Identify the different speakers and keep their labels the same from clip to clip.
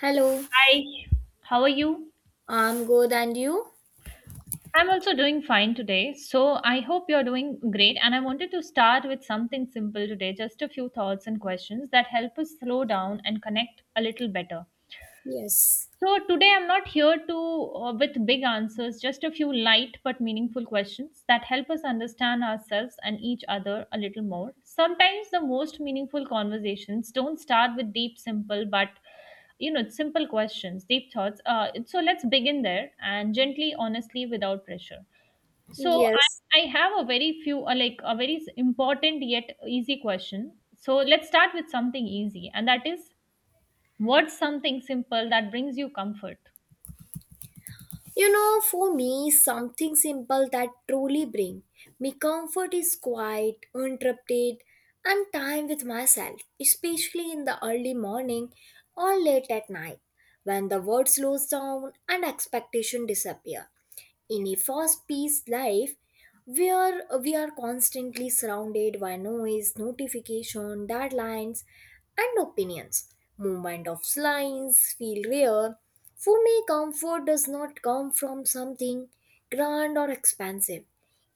Speaker 1: Hello,
Speaker 2: Hi, how are you?
Speaker 1: I'm good, and you?
Speaker 2: I'm also doing fine today. So I hope you're doing great. And I wanted to start with something simple today, just a few thoughts and questions that help us slow down and connect a little better.
Speaker 1: Yes.
Speaker 2: So today I'm not here to with big answers, just a few light but meaningful questions that help us understand ourselves and each other a little more. Sometimes the most meaningful conversations don't start with deep simple but simple questions, deep thoughts. So let's begin there and gently, honestly without pressure. So I
Speaker 1: Yes.
Speaker 2: I have a very few like a very important yet easy question. So let's start with something easy, and that is, what's something simple that brings you comfort?
Speaker 1: You know, for me, something simple that truly bring me comfort is quiet, uninterrupted, and time with myself, especially in the early morning or late at night, when the world slows down and expectation disappear. In a fast paced life where we are constantly surrounded by noise, notification, deadlines, and opinions. Movement of lines feel rare. For me, comfort does not come from something grand or expansive.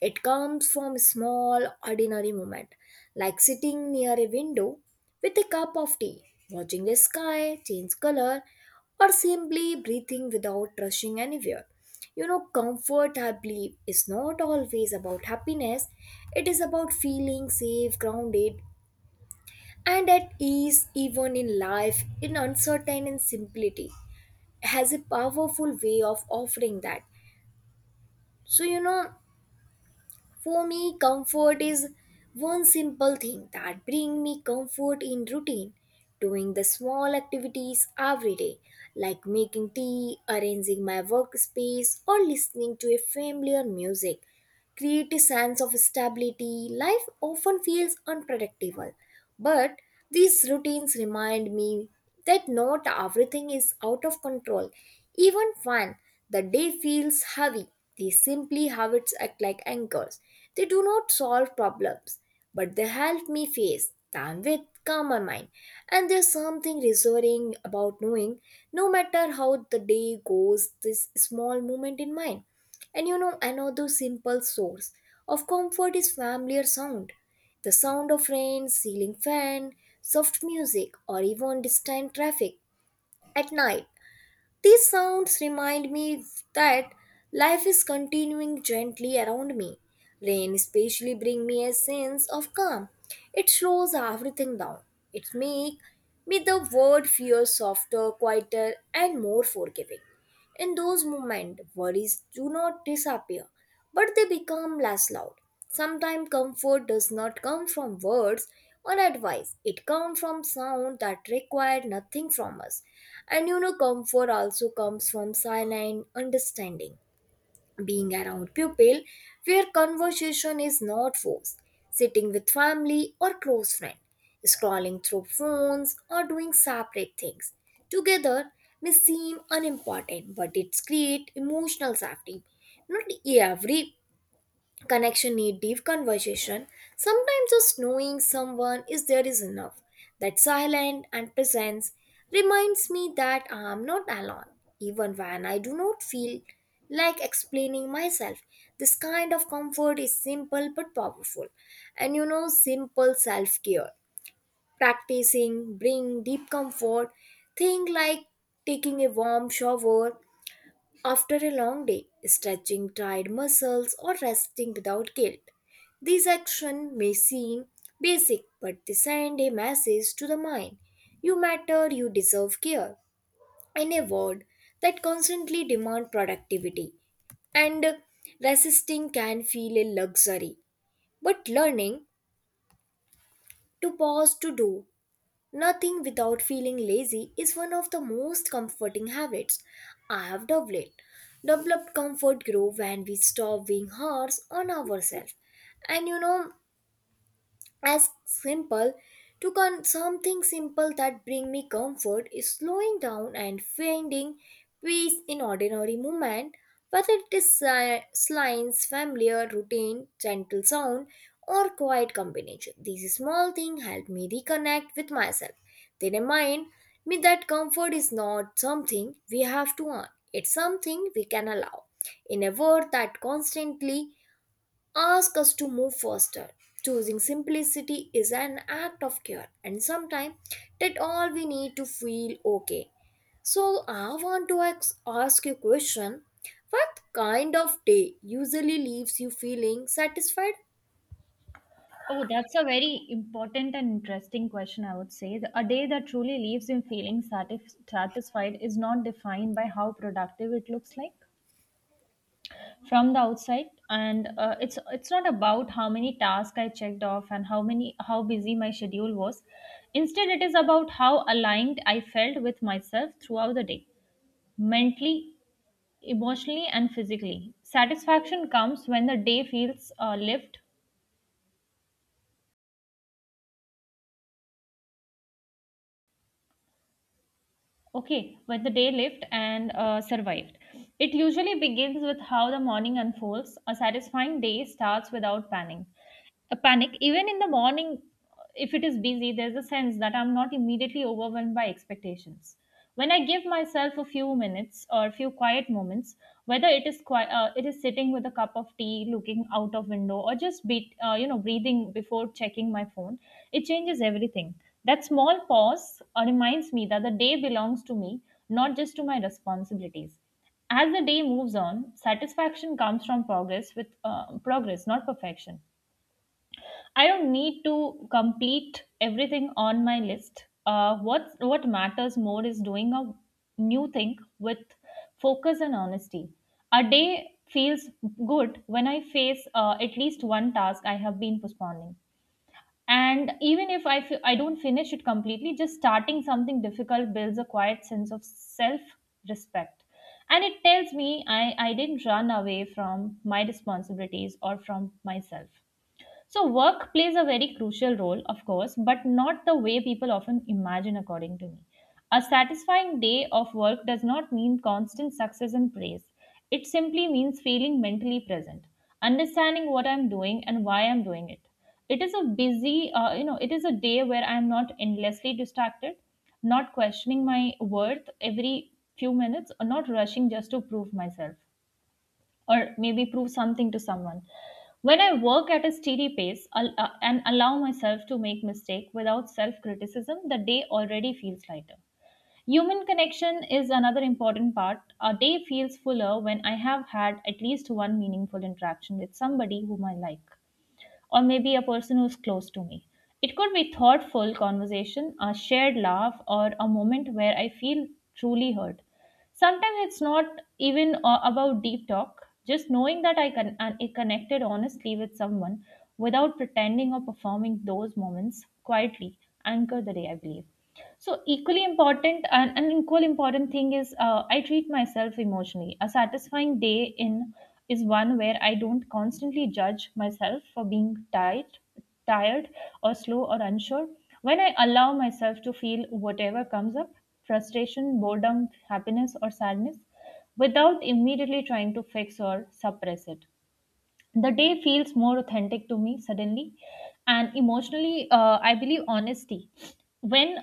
Speaker 1: It comes from small, ordinary moments, like sitting near a window with a cup of tea, watching the sky change color, or simply breathing without rushing anywhere. You know, comfort, I believe, is not always about happiness, it is about feeling safe, grounded, and at ease, even in life, in uncertain and simplicity, has a powerful way of offering that. So, you know, for me, comfort is one simple thing that bring me comfort in routine. Doing the small activities every day, like making tea, arranging my workspace, or listening to a familiar music, create a sense of stability. Life often feels unpredictable, but these routines remind me that not everything is out of control. Even when the day feels heavy, these simply habits act like anchors. They do not solve problems, but they help me face them with calmer mind. And there's something reassuring about knowing no matter how the day goes, this small moment in mind. And you know, another simple source of comfort is familiar sound. The sound of rain, ceiling fan, soft music, or even distant traffic at night. These sounds remind me that life is continuing gently around me. Rain especially brings me a sense of calm. It slows everything down. It makes me the world feel softer, quieter, and more forgiving. In those moments, worries do not disappear, but they become less loud. Sometimes comfort does not come from words or advice. It comes from sound that require nothing from us. And you know, comfort also comes from silent understanding, being around pupil, where conversation is not forced, sitting with family or close friend, scrolling through phones or doing separate things. Together may seem unimportant, but it creates emotional safety. Not every connection need deep conversation. Sometimes just knowing someone is there is enough. That silence and presence reminds me that I am not alone, even when I do not feel like explaining myself. This kind of comfort is simple but powerful. And you know, simple self care. Practicing bring deep comfort. Think like taking a warm shower after a long day, stretching tired muscles or resting without guilt. These actions may seem basic, but they send a message to the mind. You matter, you deserve care. In a world that constantly demands productivity and resisting can feel a luxury, but learning to pause to do nothing without feeling lazy is one of the most comforting habits I have developed. Developed comfort grow when we stop being hard on ourselves. And you know, as simple to con- something simple that bring me comfort is slowing down and finding peace in ordinary movement, whether it is slimes familiar routine, gentle sound, or quiet combination. These small things help me reconnect with myself. They remind me that comfort is not something we have to earn, it's something we can allow in a world that constantly ask us to move faster. Choosing simplicity is an act of care, and sometimes that all we need to feel okay. So I want to ask you a question. What kind of day usually leaves you feeling satisfied?
Speaker 2: Oh, that's a very important and interesting question, I would say. A day that truly leaves him feeling satisfied is not defined by how productive it looks like from the outside, and it's not about how many tasks I checked off and how many, how busy my schedule was. Instead, it is about how aligned I felt with myself throughout the day, mentally, emotionally, and physically. Satisfaction comes when the day feels lived. Okay, when the day lived and survived. It usually begins with how the morning unfolds. A satisfying day starts without panic. A panic, even in the morning, if it is busy, there's a sense that I'm not immediately overwhelmed by expectations. When I give myself a few minutes or a few quiet moments, whether it is sitting with a cup of tea, looking out of window, or just be, you know breathing before checking my phone, it changes everything. That small pause reminds me that the day belongs to me, not just to my responsibilities. As the day moves on, satisfaction comes from progress, not perfection. I don't need to complete everything on my list. What matters more is doing a new thing with focus and honesty. A day feels good when I face at least one task I have been postponing, and even if I f- I don't finish it completely, just starting something difficult builds a quiet sense of self respect, and it tells me I didn't run away from my responsibilities or from myself. So work plays a very crucial role, of course, but not the way people often imagine, according to me. A satisfying day of work does not mean constant success and praise. It simply means feeling mentally present, understanding what I'm doing and why I'm doing it. It is a it is a day where I'm not endlessly distracted, not questioning my worth every few minutes, or not rushing just to prove myself, or maybe prove something to someone. When I work at a steady pace, and allow myself to make mistake without self criticism, the day already feels lighter. Human connection is another important part. A day feels fuller when I have had at least one meaningful interaction with somebody whom I like, or maybe a person who's close to me. It could be thoughtful conversation, a shared laugh, or a moment where I feel truly heard. Sometimes it's not even about deep talk, just knowing that I can and it connected honestly with someone without pretending or performing. Those moments quietly anchor the day, I believe. So equally important, and an equal important thing is, I treat myself emotionally. A satisfying day in is one where I don't constantly judge myself for being tired or slow or unsure. When I allow myself to feel whatever comes up, frustration, boredom, happiness or sadness, without immediately trying to fix or suppress it, the day feels more authentic to me suddenly. And emotionally, I believe honesty, when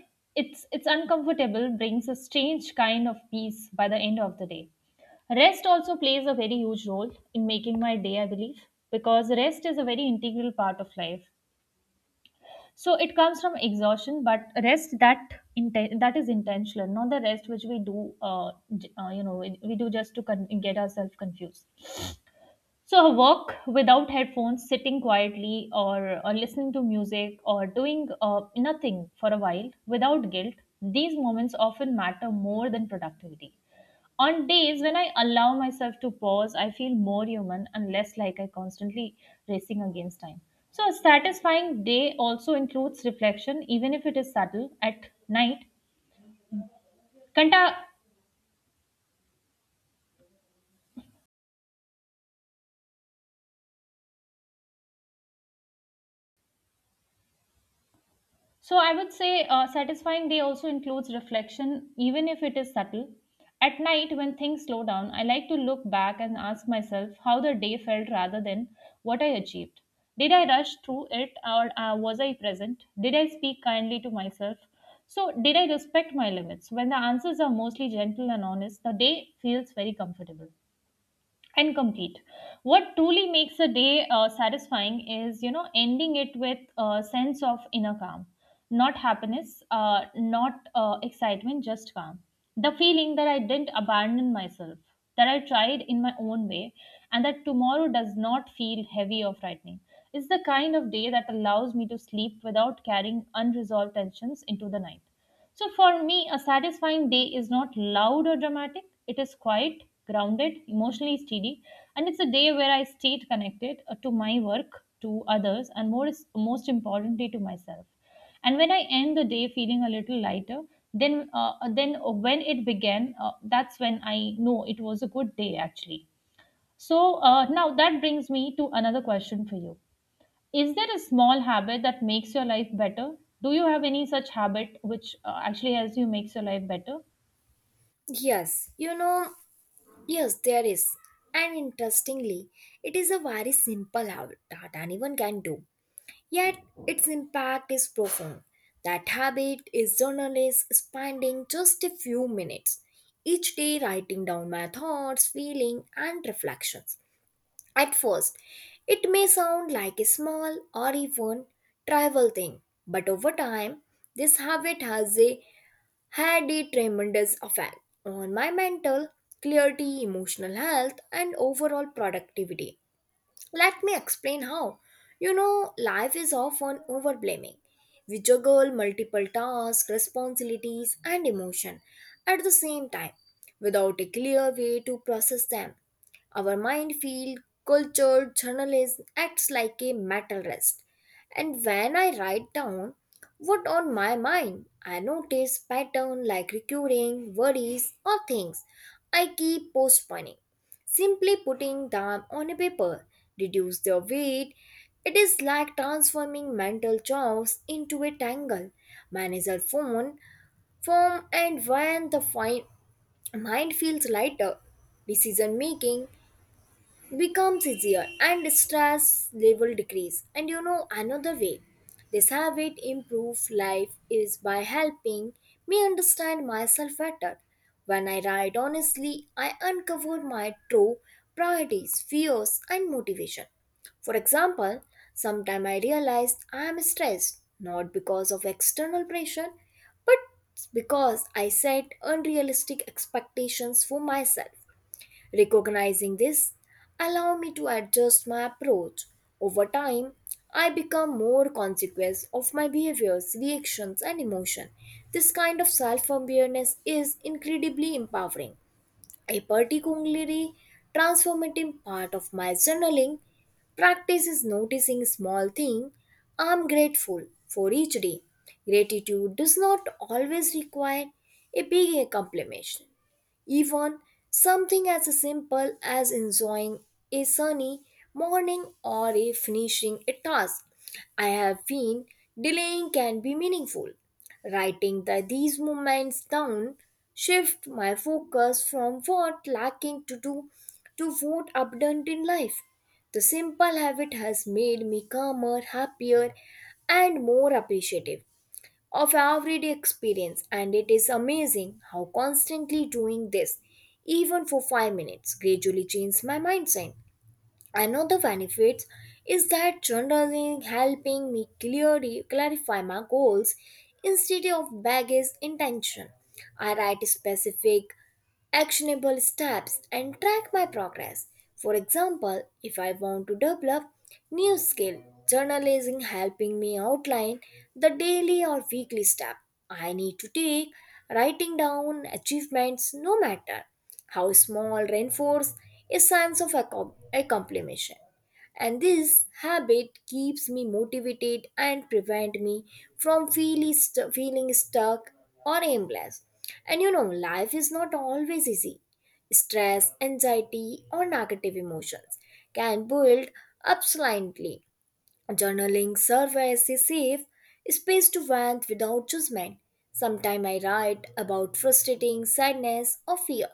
Speaker 2: it's uncomfortable, brings a strange kind of peace by the end of the day. Rest also plays a very huge role in making my day, I believe, because rest is a very integral part of life. So it comes from exhaustion, but rest that that is intentional, not the rest which we do, we do just to get ourselves confused. So a walk without headphones, sitting quietly, or listening to music, or doing nothing for a while without guilt, these moments often matter more than productivity. On days when I allow myself to pause, I feel more human and less like I constantly racing against time. So a satisfying day also includes reflection, even if it is subtle. At night, Kanta. So I would say satisfying day also includes reflection, even if it is subtle. At night, when things slow down, I like to look back and ask myself how the day felt rather than what I achieved. Did I rush through it, or was I present? Did I speak kindly to myself? So, did I respect my limits? When the answers are mostly gentle and honest, the day feels very comfortable and complete. What truly makes a day satisfying is, ending it with a sense of inner calm, not happiness, not excitement, just calm. The feeling that I didn't abandon myself, that I tried in my own way, and that tomorrow does not feel heavy or frightening, is the kind of day that allows me to sleep without carrying unresolved tensions into the night. So for me, a satisfying day is not loud or dramatic. It is quiet, grounded, emotionally steady, and it's a day where I stayed connected to my work, to others, and most importantly to myself. And when I end the day feeling a little lighter, then when it began, that's when I know it was a good day actually. So now that brings me to another question for you. Is there a small habit that makes your life better? Do you have any such habit which actually helps you makes your life better?
Speaker 1: Yes, you know, yes, there is. And interestingly, it is a very simple habit that anyone can do. Yet its impact is profound. That habit is journalists spending just a few minutes each day writing down my thoughts, feelings, and reflections. At first, it may sound like a small or even trivial thing, but over time, this habit had a tremendous effect on my mental clarity, emotional health, and overall productivity. Let me explain how. You know, life is often overblaming. We juggle multiple tasks, responsibilities, and emotion at the same time without a clear way to process them. Our mind field, culture, journalism acts like a metal rest. And when I write down what on my mind, I notice pattern like recurring worries or things I keep postponing. Simply putting them on a paper reduce their weight. It is like transforming mental chaos into a tangle. Manage phone, form, and when the mind feels lighter, decision making becomes easier and stress level decrease. And you know, another way this habit improve life is by helping me understand myself better. When I write honestly, I uncover my true priorities, fears and motivation. For example, sometime I realize I am stressed not because of external pressure, but because I set unrealistic expectations for myself. Recognizing this allow me to adjust my approach. Over time, I become more conscious of my behaviors, reactions and emotion. This kind of self-awareness is incredibly empowering. A particularly transformative part of my journaling practice is noticing small thing I'm grateful for each day. Gratitude does not always require a big accomplishment. Even something as simple as enjoying a sunny morning or a finishing a task I have been delaying can be meaningful. Writing these moments down shift my focus from what lacking to do to what abundant in life. The simple habit has made me calmer, happier, and more appreciative of everyday experience. And it is amazing how constantly doing this even for 5 minutes gradually changed my mindset. Another benefit is that journaling helping me clearly clarify my goals instead of baggage intention. I write specific, actionable steps and track my progress. For example, if I want to develop new skill, journalizing helping me outline the daily or weekly step I need to take, writing down achievements no matter how small rainforest is signs of accomplishment. And this habit keeps me motivated and prevent me from feeling stuck or aimless. And you know, life is not always easy. Stress, anxiety, or negative emotions can build up silently. Journaling serves as a safe space to vent without judgment. Sometimes I write about frustrating sadness or fear,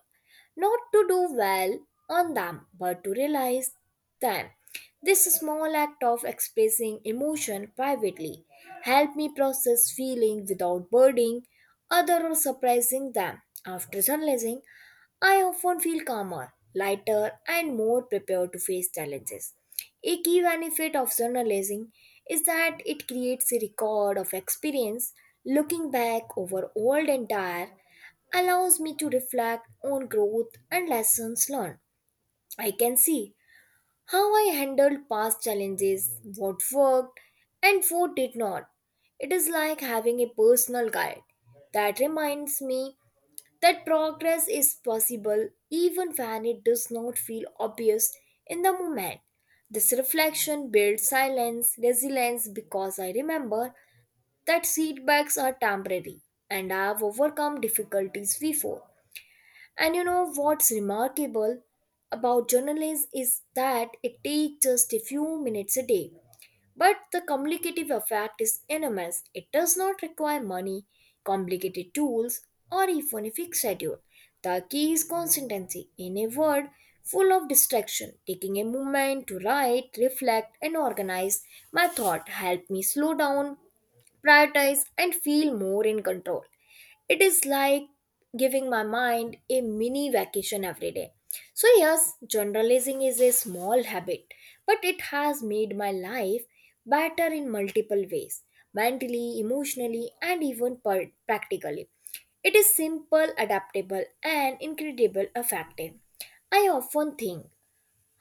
Speaker 1: not to do well on them, but to realize them. This small act of expressing emotion privately helped me process feeling without burdening other or surprising them. After journalizing, I often feel calmer, lighter, and more prepared to face challenges. A key benefit of journalism is that it creates a record of experience. Looking back over old and tired allows me to reflect on growth and lessons learned. I can see how I handled past challenges, what worked, and what did not. It is like having a personal guide that reminds me that progress is possible even when it does not feel obvious in the moment. This reflection builds silence, resilience, because I remember that setbacks are temporary and I have overcome difficulties before. And you know, what's remarkable about journalism is that it takes just a few minutes a day, but the communicative effect is enormous. It does not require money, complicated tools, or even a fixed schedule. The key is consistency. In a world full of distraction, taking a moment to write, reflect, and organize my thought helped me slow down, prioritize, and feel more in control. It is like giving my mind a mini vacation every day. So, yes, journalizing is a small habit, but it has made my life better in multiple ways, mentally, emotionally, and even practically. It is simple, adaptable, and incredible effective. I often think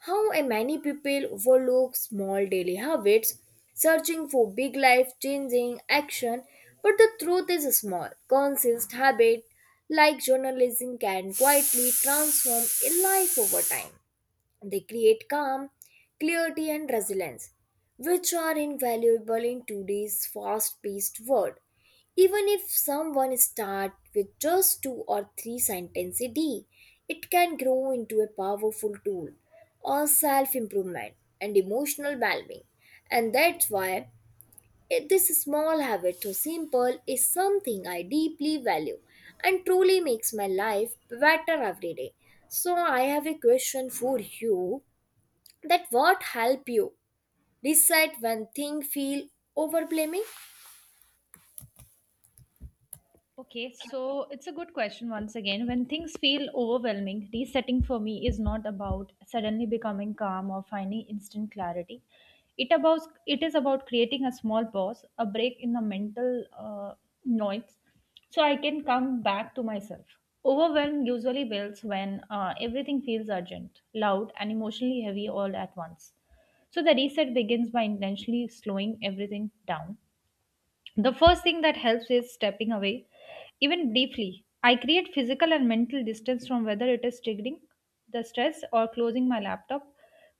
Speaker 1: how and many people overlook small daily habits, searching for big life changing action, but the truth is small, consistent habit like journalism can quietly transform a life over time. They create calm, clarity, and resilience, which are invaluable in today's fast paced world. Even if someone starts with just two or three sentences a day, it can grow into a powerful tool or self improvement and emotional well being. And that's why this small habit, so simple, is something I deeply value and truly makes my life better every day. So, I have a question for you, that what help you decide when things feel overblaming.
Speaker 2: Okay, so it's a good question once again. When things feel overwhelming, resetting for me is not about suddenly becoming calm or finding instant clarity. It about it is about creating a small pause, a break in the mental noise, so I can come back to myself. Overwhelm usually builds when everything feels urgent, loud, and emotionally heavy all at once. So the reset begins by intentionally slowing everything down. The first thing that helps is stepping away, even briefly. I create physical and mental distance from whether it is triggering the stress, or closing my laptop,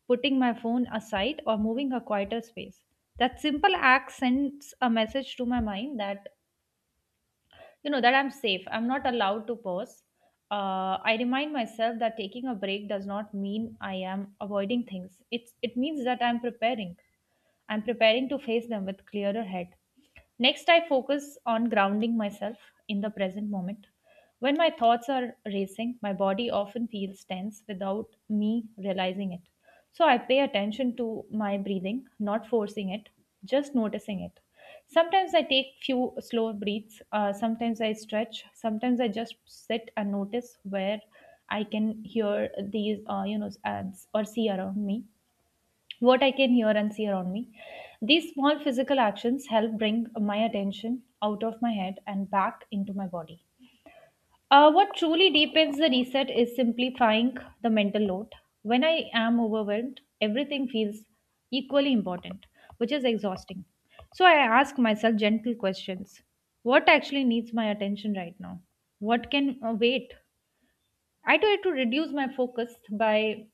Speaker 2: putting my phone aside, or moving a quieter space. That simple act sends a message to my mind that, that I'm safe. I'm not allowed to pause. I remind myself that taking a break does not mean I am avoiding things. It means that I'm preparing. I'm preparing to face them with clearer head. Next, I focus on grounding myself in the present moment. When my thoughts are racing, my body often feels tense without me realizing it. So I pay attention to my breathing, not forcing it, just noticing it. Sometimes I take few slow breaths, sometimes I stretch, sometimes I just sit and notice where I can hear these, ads or see around me, what I can hear and see around me. These small physical actions help bring my attention out of my head and back into my body. What truly deepens the reset is simplifying the mental load. When I am overwhelmed, everything feels equally important, which is exhausting. So I ask myself gentle questions. What actually needs my attention right now? What can wait? I try to reduce my focus by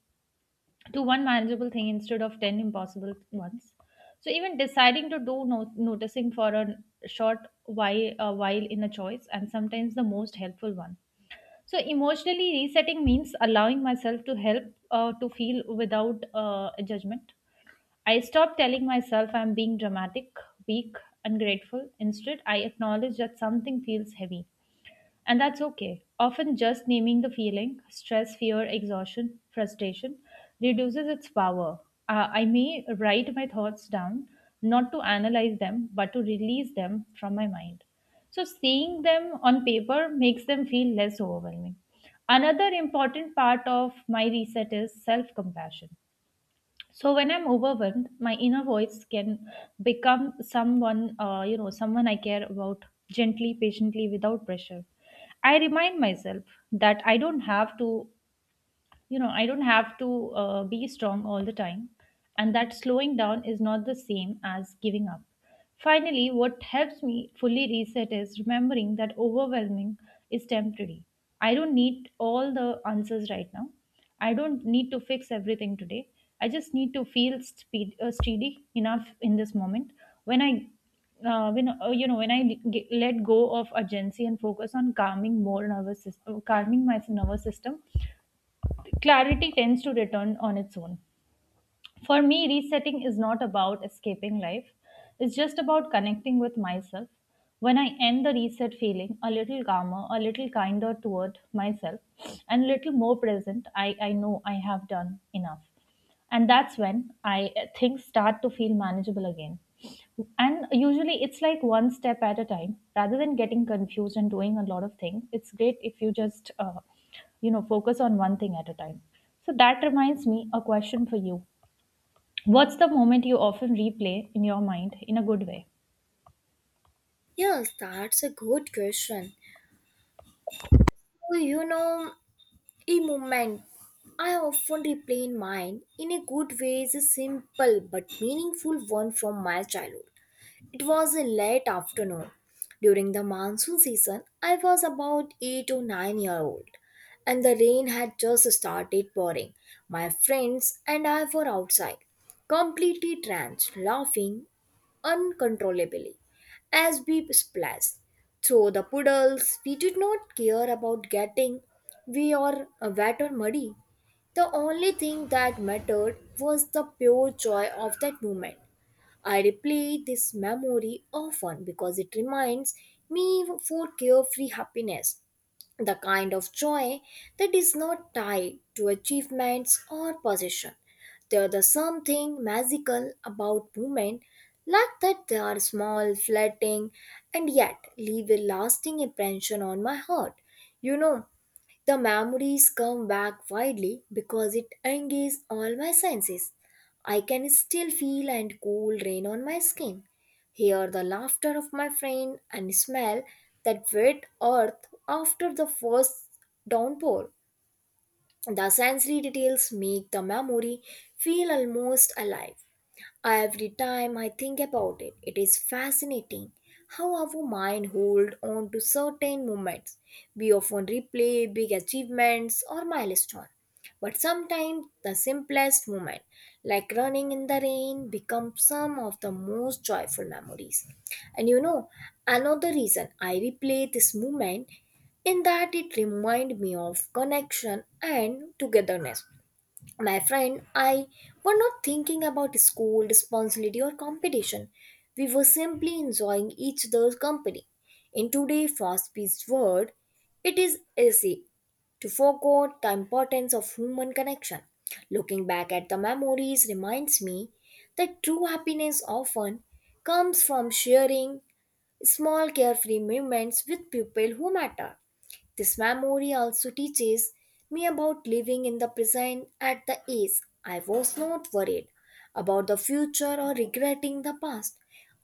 Speaker 2: to one manageable thing instead of 10 impossible ones. So even deciding to do noticing for a short while, a while in a choice, and sometimes the most helpful one. So emotionally resetting means allowing myself to help to feel without judgment. I stop telling myself I'm being dramatic, weak, ungrateful. Instead, I acknowledge that something feels heavy, and that's okay. Often just naming the feeling, stress, fear, exhaustion, frustration, reduces its power. I may write my thoughts down, not to analyze them, but to release them from my mind. So seeing them on paper makes them feel less overwhelming. Another important part of my reset is self compassion. So when I'm overwhelmed, my inner voice can become someone someone I care about, gently, patiently, without pressure. I remind myself that I don't have to I don't have to be strong all the time, and that slowing down is not the same as giving up. Finally, what helps me fully reset is remembering that overwhelming is temporary. I don't need all the answers right now. I don't need to fix everything today. I just need to feel steady enough in this moment. When I when you know when I g- let go of urgency and focus on calming my nervous system, clarity tends to return on its own. For me, resetting is not about escaping life, it's just about connecting with myself. When I end the reset feeling a little calmer, a little kinder toward myself, and a little more present, I know I have done enough. And that's when I things start to feel manageable again. And usually it's like one step at a time. Rather than getting confused and doing a lot of things, it's great if you just focus on one thing at a time. So that reminds me, a question for you: what's the moment you often replay in your mind in a good way?
Speaker 1: Yes, that's a good question. Well, you know, a moment I often replay in mind in a good way is a simple but meaningful one from my childhood. It was a late afternoon. During the monsoon season, I was about 8 or 9-year-old and the rain had just started pouring. My friends and I were outside, completely drenched, laughing uncontrollably as we splashed through the puddles. We did not care about getting we are wet or muddy. The only thing that mattered was the pure joy of that moment. I replay this memory often because it reminds me for carefree happiness, the kind of joy that is not tied to achievements or possession. There is something magical about movement like that they are small, fleeting, and yet leave a lasting impression on my heart. You know, the memories come back widely because it engages all my senses. I can still feel and cool rain on my skin, hear the laughter of my friend, and smell that wet earth after the first downpour. The sensory details make the memory feel almost alive. Every time I think about it, it is fascinating how our mind hold on to certain moments. We often replay big achievements or milestones, but sometimes the simplest moment, like running in the rain, becomes some of the most joyful memories. And you know, another reason I replay this moment in that it reminded me of connection and togetherness. My friend, I were not thinking about school, responsibility, or competition. We were simply enjoying each other's company. In today's fast paced world, it is easy to forget the importance of human connection. Looking back at the memories reminds me that true happiness often comes from sharing small carefree moments with people who matter. This memory also teaches me about living in the present at the age I was not worried about the future or regretting the past.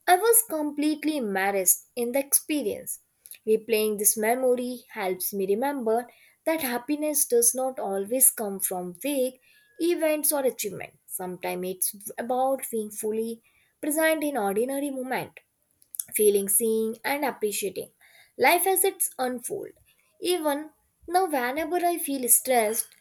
Speaker 1: I was completely immersed in the experience. Replaying this memory helps me remember that happiness does not always come from vague events or achievements. Sometimes it's about being fully present in ordinary moment feeling seeing and appreciating life as it's unfold even now whenever I feel stressed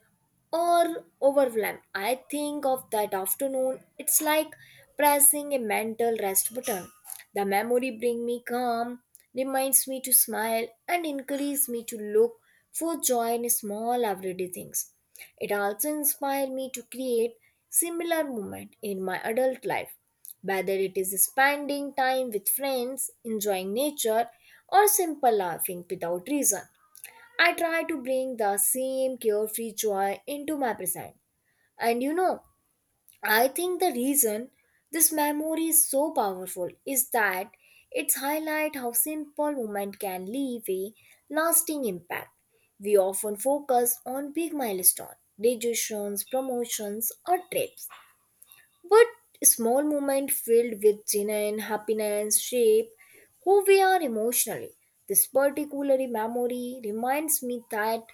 Speaker 1: or overwhelm. I think of that afternoon. It's like pressing a mental rest button. The memory bring me calm, reminds me to smile, and encourages me to look for joy in small everyday things. It also inspires me to create similar moment in my adult life, whether it is spending time with friends, enjoying nature, or simple laughing without reason. I try to bring the same carefree joy into my present. And you know, I think the reason this memory is so powerful is that it's highlight how simple moment can leave a lasting impact. We often focus on big milestones, graduations, promotions, or trips, but small moments filled with joy and happiness shape who we are emotionally. This particular memory reminds me that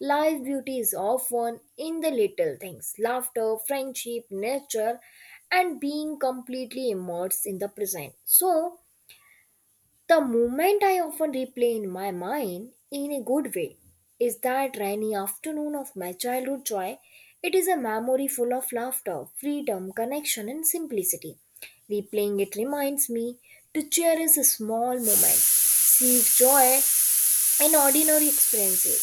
Speaker 1: life beauty is often in the little things laughter, friendship, nature, and being completely immersed in the present. So, the moment I often replay in my mind, in a good way, is that rainy afternoon of my childhood joy. It is a memory full of laughter, freedom, connection, and simplicity. Replaying it reminds me to cherish a small moments, seek joy in ordinary experiences,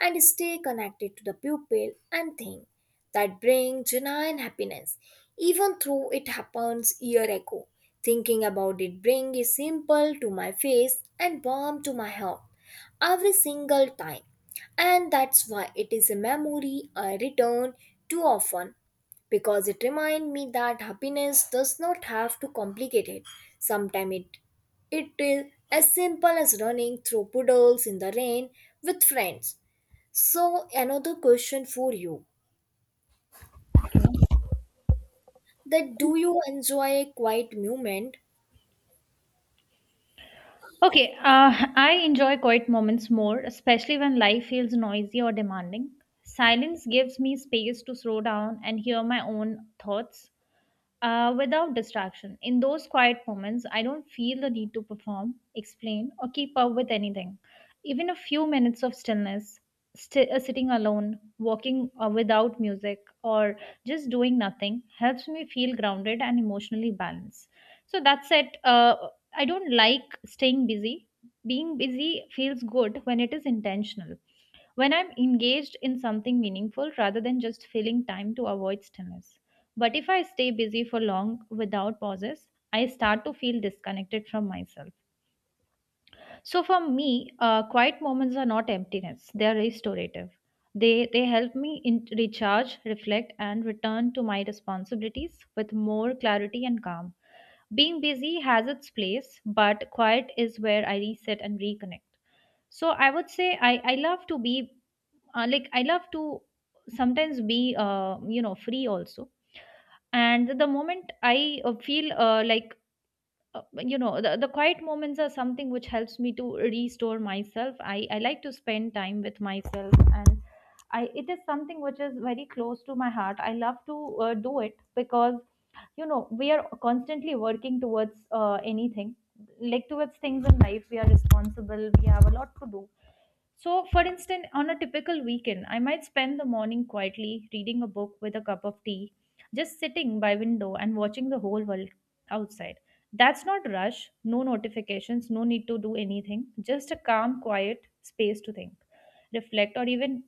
Speaker 1: and stay connected to the pupil and thing that bring genuine happiness, even though it happens year ago. Thinking about it bring a simple to my face and warm to my heart every single time. And that's why it is a memory I return to often because it reminds me that happiness does not have to complicate it. Sometimes it is as simple as running through puddles in the rain with friends. So, another question for you, that do you enjoy a quiet moment?
Speaker 2: Okay, I enjoy quiet moments more, especially when life feels noisy or demanding. Silence gives me space to slow down and hear my own thoughts without distraction. In those quiet moments, I don't feel the need to perform, explain, or keep up with anything. Even a few minutes of stillness, sitting alone, walking without music, or just doing nothing helps me feel grounded and emotionally balanced. So that's it. I don't like staying busy. Being busy feels good when it is intentional, when I'm engaged in something meaningful rather than just filling time to avoid stillness. But if I stay busy for long without pauses, I start to feel disconnected from myself. So for me, quiet moments are not emptiness; they are restorative. They help me in, recharge, reflect, and return to my responsibilities with more clarity and calm. Being busy has its place, but quiet is where I reset and reconnect. So I would say I love to be like I love to sometimes be free also. And the moment I feel like uh, the quiet moments are something which helps me to restore myself. I like to spend time with myself, and I it is something which is very close to my heart. I love to do it because we are constantly working towards anything, like towards things in life. We are responsible, we have a lot to do. So, for instance, on a typical weekend, I might spend the morning quietly reading a book with a cup of tea, just sitting by window and watching the whole world outside. That's not rush, no notifications, no need to do anything, just a calm, quiet space to think, reflect, or even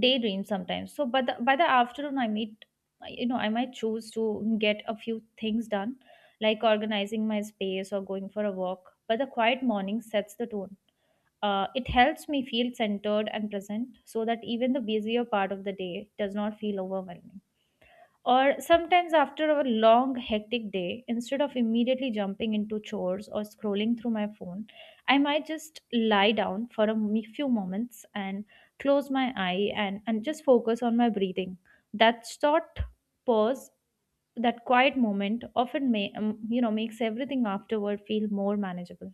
Speaker 2: daydream sometimes. So, by the afternoon, I meet, you know, I might choose to get a few things done, like organizing my space or going for a walk. But the quiet morning sets the tone. It helps me feel centered and present so that even the busier part of the day does not feel overwhelming. Or sometimes, after a long, hectic day, instead of immediately jumping into chores or scrolling through my phone, I might just lie down for a few moments and close my eye, and just focus on my breathing. That short pause, that quiet moment often makes everything afterward feel more manageable.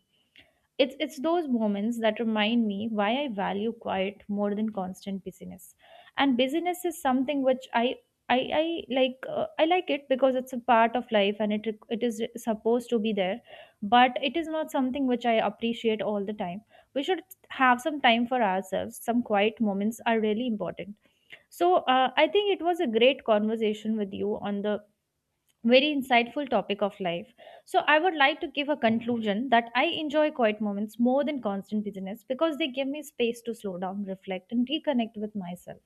Speaker 2: It's those moments that remind me why I value quiet more than constant busyness. And busyness is something which I like. I like it because it's a part of life and it is supposed to be there, but it is not something which I appreciate all the time. We should have some time for ourselves. Some quiet moments are really important. So I think it was a great conversation with you on the very insightful topic of life. So, I would like to give a conclusion that I enjoy quiet moments more than constant busyness because they give me space to slow down, reflect, and reconnect with myself.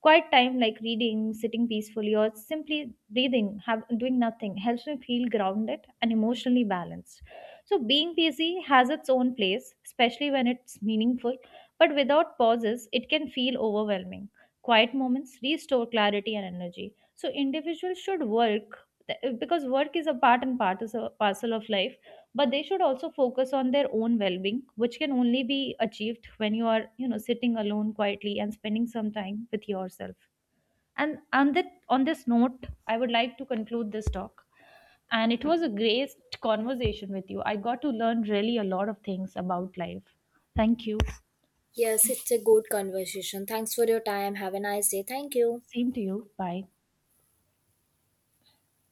Speaker 2: Quiet time like reading, sitting peacefully, or simply breathing, doing nothing helps me feel grounded and emotionally balanced. So, being busy has its own place, especially when it's meaningful, but without pauses, it can feel overwhelming. Quiet moments restore clarity and energy. So, individuals should work because work is a part and part is a parcel of life, but they should also focus on their own well-being, which can only be achieved when you are, you know, sitting alone quietly and spending some time with yourself. And on this note, I would like to conclude this talk, and it was a great conversation with you. I got to learn really a lot of things about life. Thank you.
Speaker 1: Yes, it's a good conversation. Thanks for your time. Have a nice day. Thank you.
Speaker 2: Same to you. Bye.